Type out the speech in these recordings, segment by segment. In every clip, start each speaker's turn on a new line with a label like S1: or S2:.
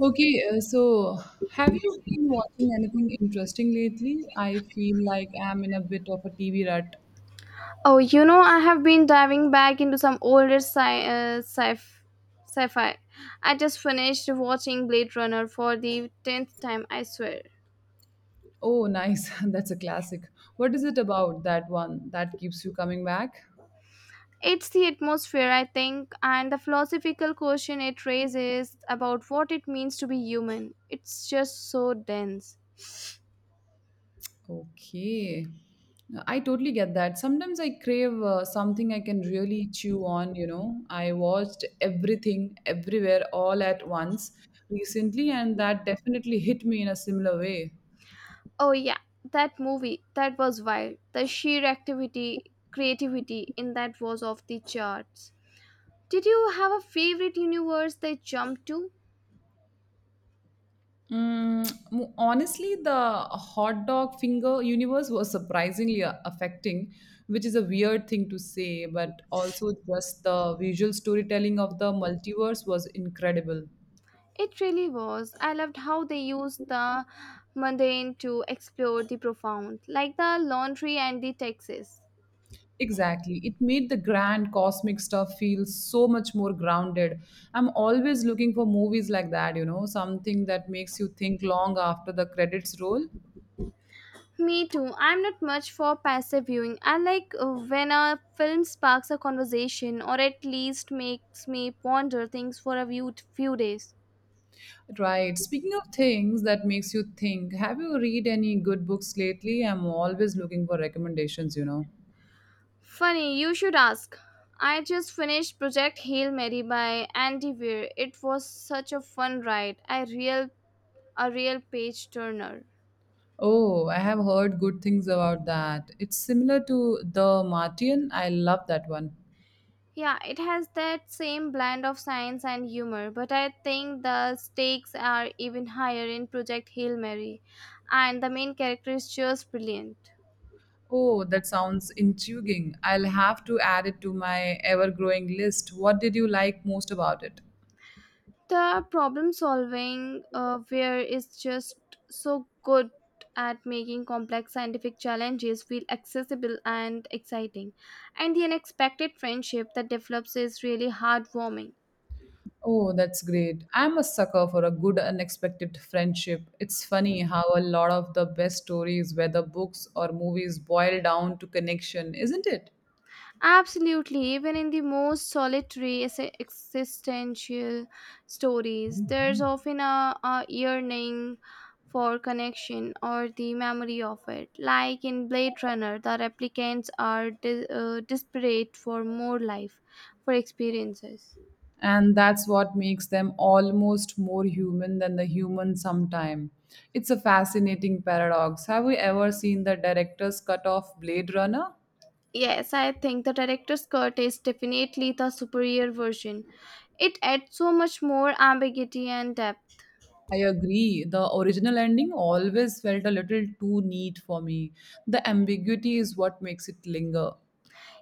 S1: Okay, so have you been watching anything interesting lately? I feel like I'm in a bit of a TV rut.
S2: Oh, you know, I have been diving back into some older sci-fi. I just finished watching Blade Runner for the 10th time, I swear.
S1: Oh, nice. That's a classic. What is it about that one that keeps you coming back?
S2: It's the atmosphere, I think, and the philosophical question it raises about what it means to be human. It's just so dense.
S1: Okay. I totally get that. Sometimes I crave something I can really chew on, you know. I watched everything, everywhere, all at once recently, and that definitely hit me in a similar way.
S2: Oh, yeah, that movie, that was wild. The sheer activity, creativity in that was off the charts. Did you have a favorite universe they jumped to?
S1: Mm, Honestly, the hot dog finger universe was surprisingly affecting, which is a weird thing to say, but also just the visual storytelling of the multiverse was incredible.
S2: It really was. I loved how they used the mundane to explore the profound, like the laundry and the taxes.
S1: Exactly. It made the grand cosmic stuff feel so much more grounded. I'm always looking for movies like that, you know, something that makes you think long after the credits roll.
S2: Me too. I'm not much for passive viewing. I like when a film sparks a conversation or at least makes me ponder things for a few days.
S1: Right. Speaking of things that makes you think, have you read any good books lately? I'm always looking for recommendations, you know.
S2: Funny, you should ask. I just finished Project Hail Mary by Andy Weir. It was such a fun ride. A real page turner.
S1: Oh, I have heard good things about that. It's similar to The Martian. I love that one.
S2: Yeah, it has that same blend of science and humor, but I think the stakes are even higher in Project Hail Mary, and the main character is just brilliant.
S1: Oh, that sounds intriguing. I'll have to add it to my ever-growing list. What did you like most about it?
S2: The problem solving where is just so good at making complex scientific challenges feel accessible and exciting, and the unexpected friendship that develops is really heartwarming.
S1: Oh, that's great. I'm a sucker for a good unexpected friendship. It's funny how a lot of the best stories, whether books or movies, boil down to connection, isn't it?
S2: Absolutely, even in the most solitary existential stories, there's often a yearning for connection or the memory of it. Like in Blade Runner, the replicants are desperate for more life, for experiences.
S1: And that's what makes them almost more human than the human sometime. It's a fascinating paradox. Have you ever seen the director's cut of Blade Runner?
S2: Yes, I think the director's cut is definitely the superior version. It adds so much more ambiguity and depth.
S1: I agree. The original ending always felt a little too neat for me. The ambiguity is what makes it linger.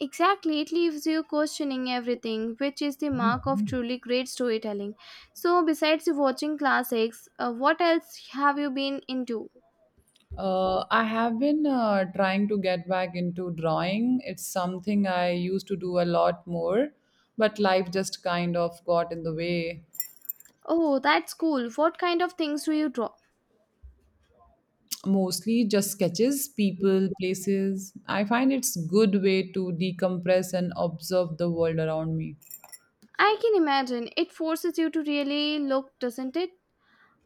S2: Exactly, it leaves you questioning everything, which is the mark of truly great storytelling. So, besides watching classics, what else have you been into?
S1: I have been trying to get back into drawing. It's something I used to do a lot more, but life just kind of got in the way.
S2: Oh, that's cool. What kind of things do you draw?
S1: Mostly just sketches, people, places. I find it's good way to decompress and observe the world around me.
S2: I can imagine. It forces you to really look, doesn't it?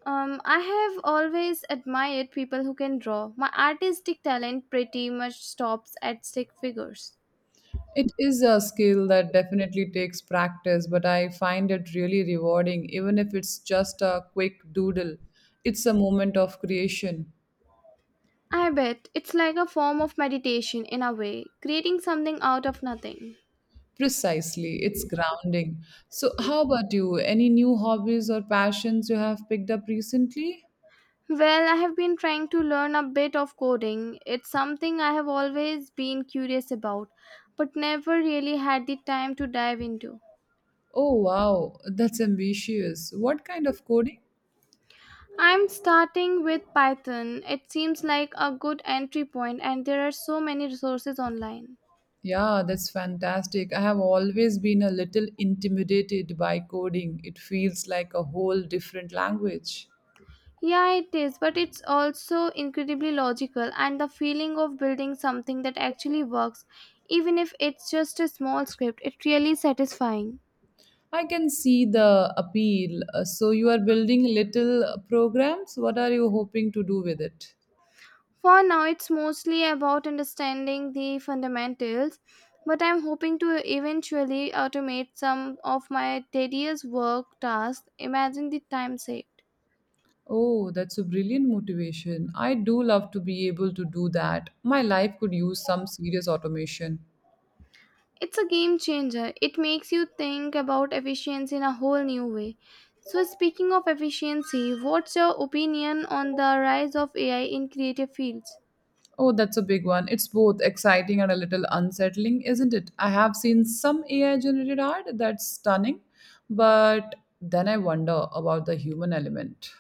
S2: I have always admired people who can draw. My artistic talent pretty much stops at stick figures.
S1: It is a skill that definitely takes practice, but I find it really rewarding, even if it's just a quick doodle. It's a moment of creation.
S2: I bet it's like a form of meditation in a way, creating something out of nothing.
S1: Precisely, it's grounding. So, how about you? Any new hobbies or passions you have picked up recently?
S2: Well, I have been trying to learn a bit of coding. It's something I have always been curious about, but never really had the time to dive into.
S1: Oh, wow, that's ambitious. What kind of coding?
S2: I'm starting with Python. It seems like a good entry point, and there are so many resources online.
S1: Yeah, that's fantastic. I have always been a little intimidated by coding. It feels like a whole different language.
S2: Yeah, it is, but it's also incredibly logical, and the feeling of building something that actually works, even if it's just a small script, it's really satisfying.
S1: I can see the appeal. So, you are building little programs. What are you hoping to do with it?
S2: For now, it's mostly about understanding the fundamentals, but I'm hoping to eventually automate some of my tedious work tasks. Imagine the time saved.
S1: Oh, that's a brilliant motivation. I do love to be able to do that. My life could use some serious automation.
S2: It's a game changer. It makes you think about efficiency in a whole new way. So, speaking of efficiency, what's your opinion on the rise of AI in creative fields?
S1: Oh, that's a big one. It's both exciting and a little unsettling, isn't it? I have seen some AI generated art that's stunning, but then I wonder about the human element.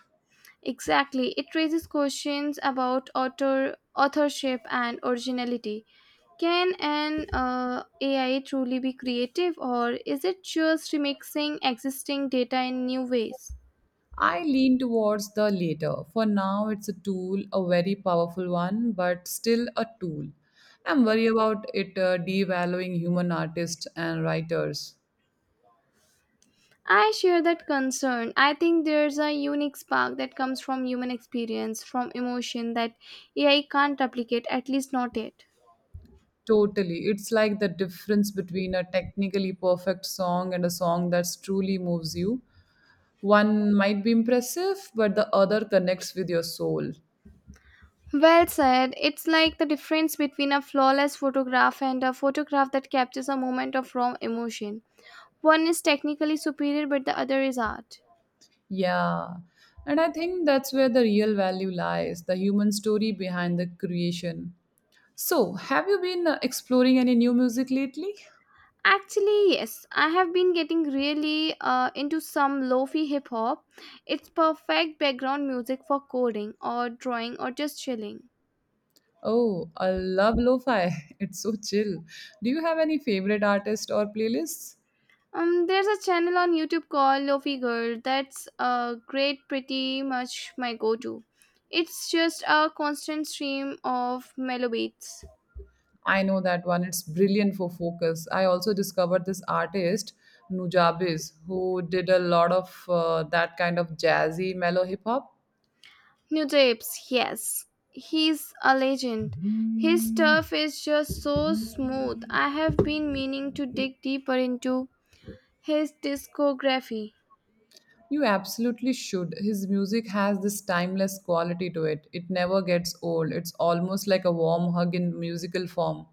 S2: Exactly. It raises questions about author, authorship and originality. Can an AI truly be creative, or is it just remixing existing data in new ways?
S1: I lean towards the later. For now, it's a tool, a very powerful one, but still a tool. I'm worried about it devaluing human artists and writers.
S2: I share that concern. I think there's a unique spark that comes from human experience, from emotion that AI can't replicate, at least not yet.
S1: Totally. It's like the difference between a technically perfect song and a song that truly moves you. One might be impressive, but the other connects with your soul.
S2: Well said. It's like the difference between a flawless photograph and a photograph that captures a moment of raw emotion. One is technically superior, but the other is art.
S1: Yeah. And I think that's where the real value lies the human story behind the creation. So, have you been exploring any new music lately?
S2: Actually, yes, I have been getting really into some lofi hip hop. It's perfect background music for coding or drawing or just chilling.
S1: Oh, I love lo fi. It's so chill. Do you have any favorite artists or playlists?
S2: There's a channel on YouTube called Lofi Girl that's great, pretty much my go to. It's just a constant stream of mellow beats.
S1: I know that one. It's brilliant for focus. I also discovered this artist, Nujabes, who did a lot of that kind of jazzy, mellow hip hop.
S2: New Japes, yes. He's a legend. His stuff is just so smooth. I have been meaning to dig deeper into his discography.
S1: You absolutely should. His music has this timeless quality to it. It never gets old. It's almost like a warm hug in musical form.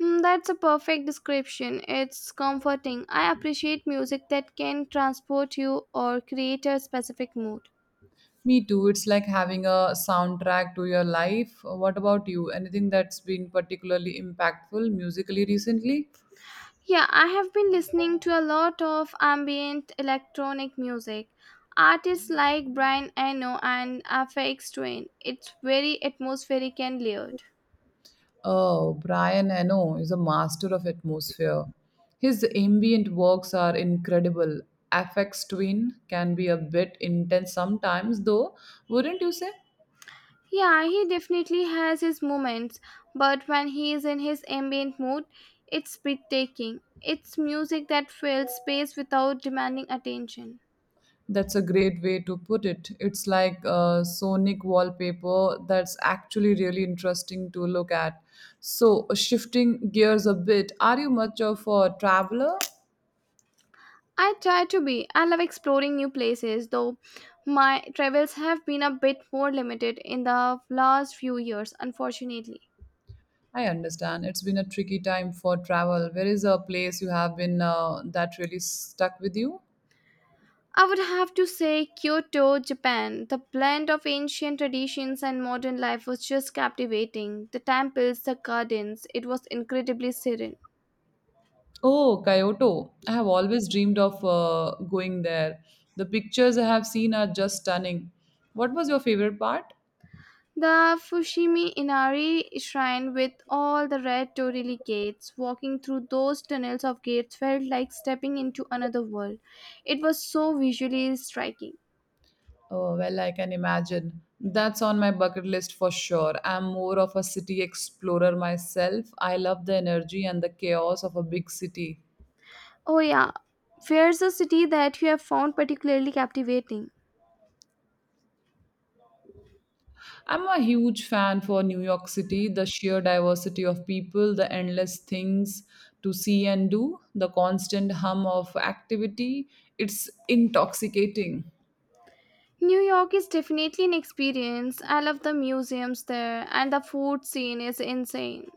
S2: Hmm, that's a perfect description. It's comforting. I appreciate music that can transport you or create a specific mood.
S1: Me too. It's like having a soundtrack to your life. What about you? Anything that's been particularly impactful musically recently?
S2: Yeah, I have been listening to a lot of ambient electronic music. Artists like Brian Eno and Aphex Twin. It's very atmospheric and layered.
S1: Oh, Brian Eno is a master of atmosphere. His ambient works are incredible. FX Twin can be a bit intense sometimes, though, wouldn't you say?
S2: Yeah, he definitely has his moments, but when he is in his ambient mood, it's breathtaking. It's music that fills space without demanding attention.
S1: That's a great way to put it. It's like a sonic wallpaper that's actually really interesting to look at. So, shifting gears a bit, are you much of a traveler?
S2: I try to be. I love exploring new places, though my travels have been a bit more limited in the last few years, unfortunately.
S1: I understand. It's been a tricky time for travel. Where is a place you have been that really stuck with you?
S2: I would have to say Kyoto, Japan. The blend of ancient traditions and modern life was just captivating. The temples, the gardens, it was incredibly serene.
S1: Oh, Kyoto. I have always dreamed of going there. The pictures I have seen are just stunning. What was your favorite part?
S2: The Fushimi Inari shrine with all the red torii gates, walking through those tunnels of gates felt like stepping into another world. It was so visually striking.
S1: Oh, well, I can imagine. That's on my bucket list for sure. I'm more of a city explorer myself. I love the energy and the chaos of a big city.
S2: Oh yeah, where's a city that you have found particularly captivating?
S1: I'm a huge fan for New York City, the sheer diversity of people, the endless things to see and do, the constant hum of activity. It's intoxicating.
S2: New York is definitely an experience. I love the museums there and the food scene is insane.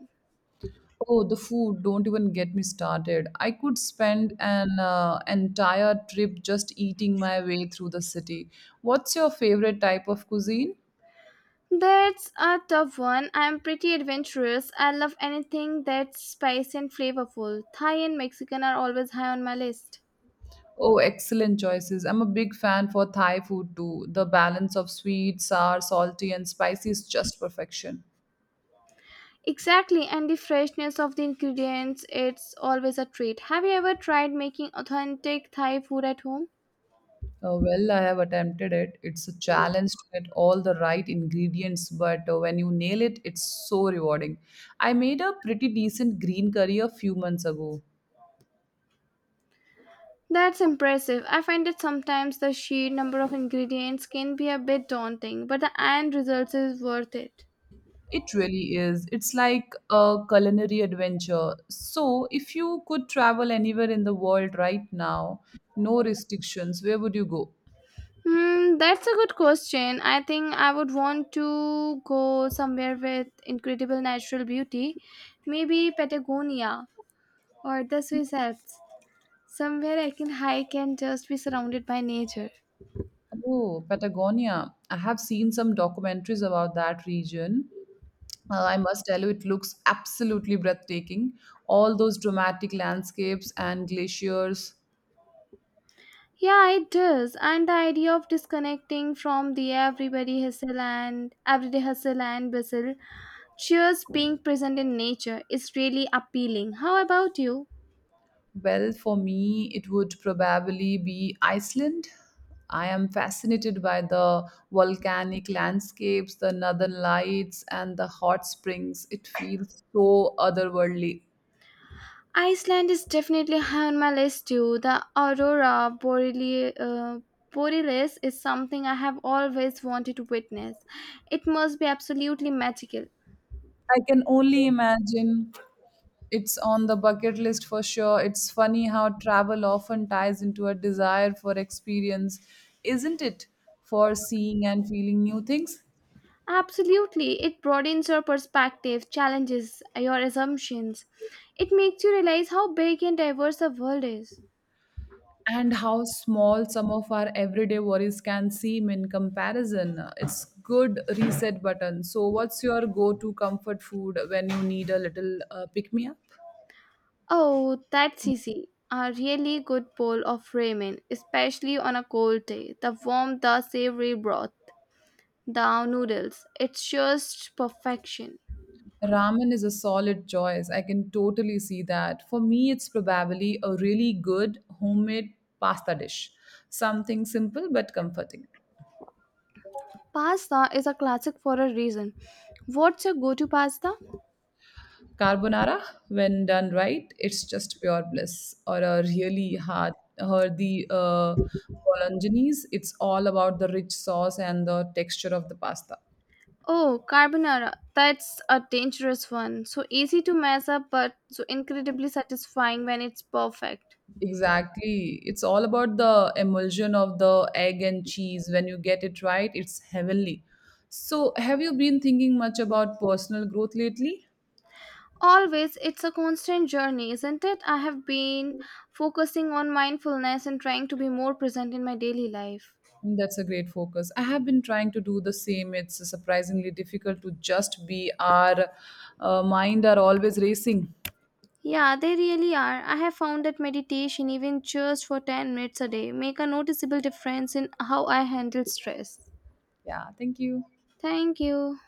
S1: Oh, the food, don't even get me started. I could spend an entire trip just eating my way through the city. What's your favorite type of cuisine?
S2: That's a tough one. I'm pretty adventurous. I love anything that's spicy and flavorful. Thai and Mexican are always high on my list.
S1: Oh, excellent choices. I'm a big fan for Thai food too. The balance of sweet, sour, salty, and spicy is just perfection.
S2: Exactly, and the freshness of the ingredients, it's always a treat. Have you ever tried making authentic Thai food at home?
S1: Well, I have attempted it. It's a challenge to get all the right ingredients, but when you nail it, it's so rewarding. I made a pretty decent green curry a few months ago.
S2: That's impressive. I find that sometimes the sheer number of ingredients can be a bit daunting, but the end result is worth it.
S1: It really is. It's like a culinary adventure. So, if you could travel anywhere in the world right now, no restrictions, where would you go?
S2: Hmm, that's a good question. I think I would want to go somewhere with incredible natural beauty, maybe Patagonia or the Swiss Alps, somewhere I can hike and just be surrounded by nature.
S1: Oh, Patagonia. I have seen some documentaries about that region. I must tell you, it looks absolutely breathtaking. All those dramatic landscapes and glaciers.
S2: Yeah, it does. And the idea of disconnecting from the everybody hustle and everyday hustle and bustle, just being present in nature is really appealing. How about you?
S1: Well, for me, it would probably be Iceland. I am fascinated by the volcanic landscapes, the northern lights, and the hot springs. It feels so otherworldly.
S2: Iceland is definitely high on my list too. The aurora borealis is something I have always wanted to witness. It must be absolutely magical.
S1: I can only imagine it's on the bucket list for sure. It's funny how travel often ties into a desire for experience, isn't it? For seeing and feeling new things.
S2: Absolutely, it broadens your perspective, challenges your assumptions. It makes you realize how big and diverse the world is.
S1: And how small some of our everyday worries can seem in comparison. It's good reset button. So, what's your go-to comfort food when you need a little pick-me-up?
S2: Oh, that's easy. A really good bowl of ramen, especially on a cold day. The warm, the savory broth, the noodles. It's just perfection.
S1: Ramen is a solid choice. I can totally see that. For me, it's probably a really good homemade pasta dish. Something simple but comforting.
S2: Pasta is a classic for a reason. What's your go to pasta?
S1: Carbonara, when done right, it's just pure bliss. Or a really hard, hearty bolognese, it's all about the rich sauce and the texture of the pasta.
S2: Oh, carbonara. That's a dangerous one. So easy to mess up, but so incredibly satisfying when it's perfect.
S1: Exactly. It's all about the emulsion of the egg and cheese. When you get it right, it's heavenly. So, have you been thinking much about personal growth lately?
S2: Always, it's a constant journey, isn't it? I have been focusing on mindfulness and trying to be more present in my daily life.
S1: That's a great focus. I have been trying to do the same. It's surprisingly difficult to just be our mind are always racing.
S2: Yeah, they really are. I have found that meditation, even just for 10 minutes a day, make a noticeable difference in how I handle stress.
S1: Yeah, thank you.
S2: Thank you.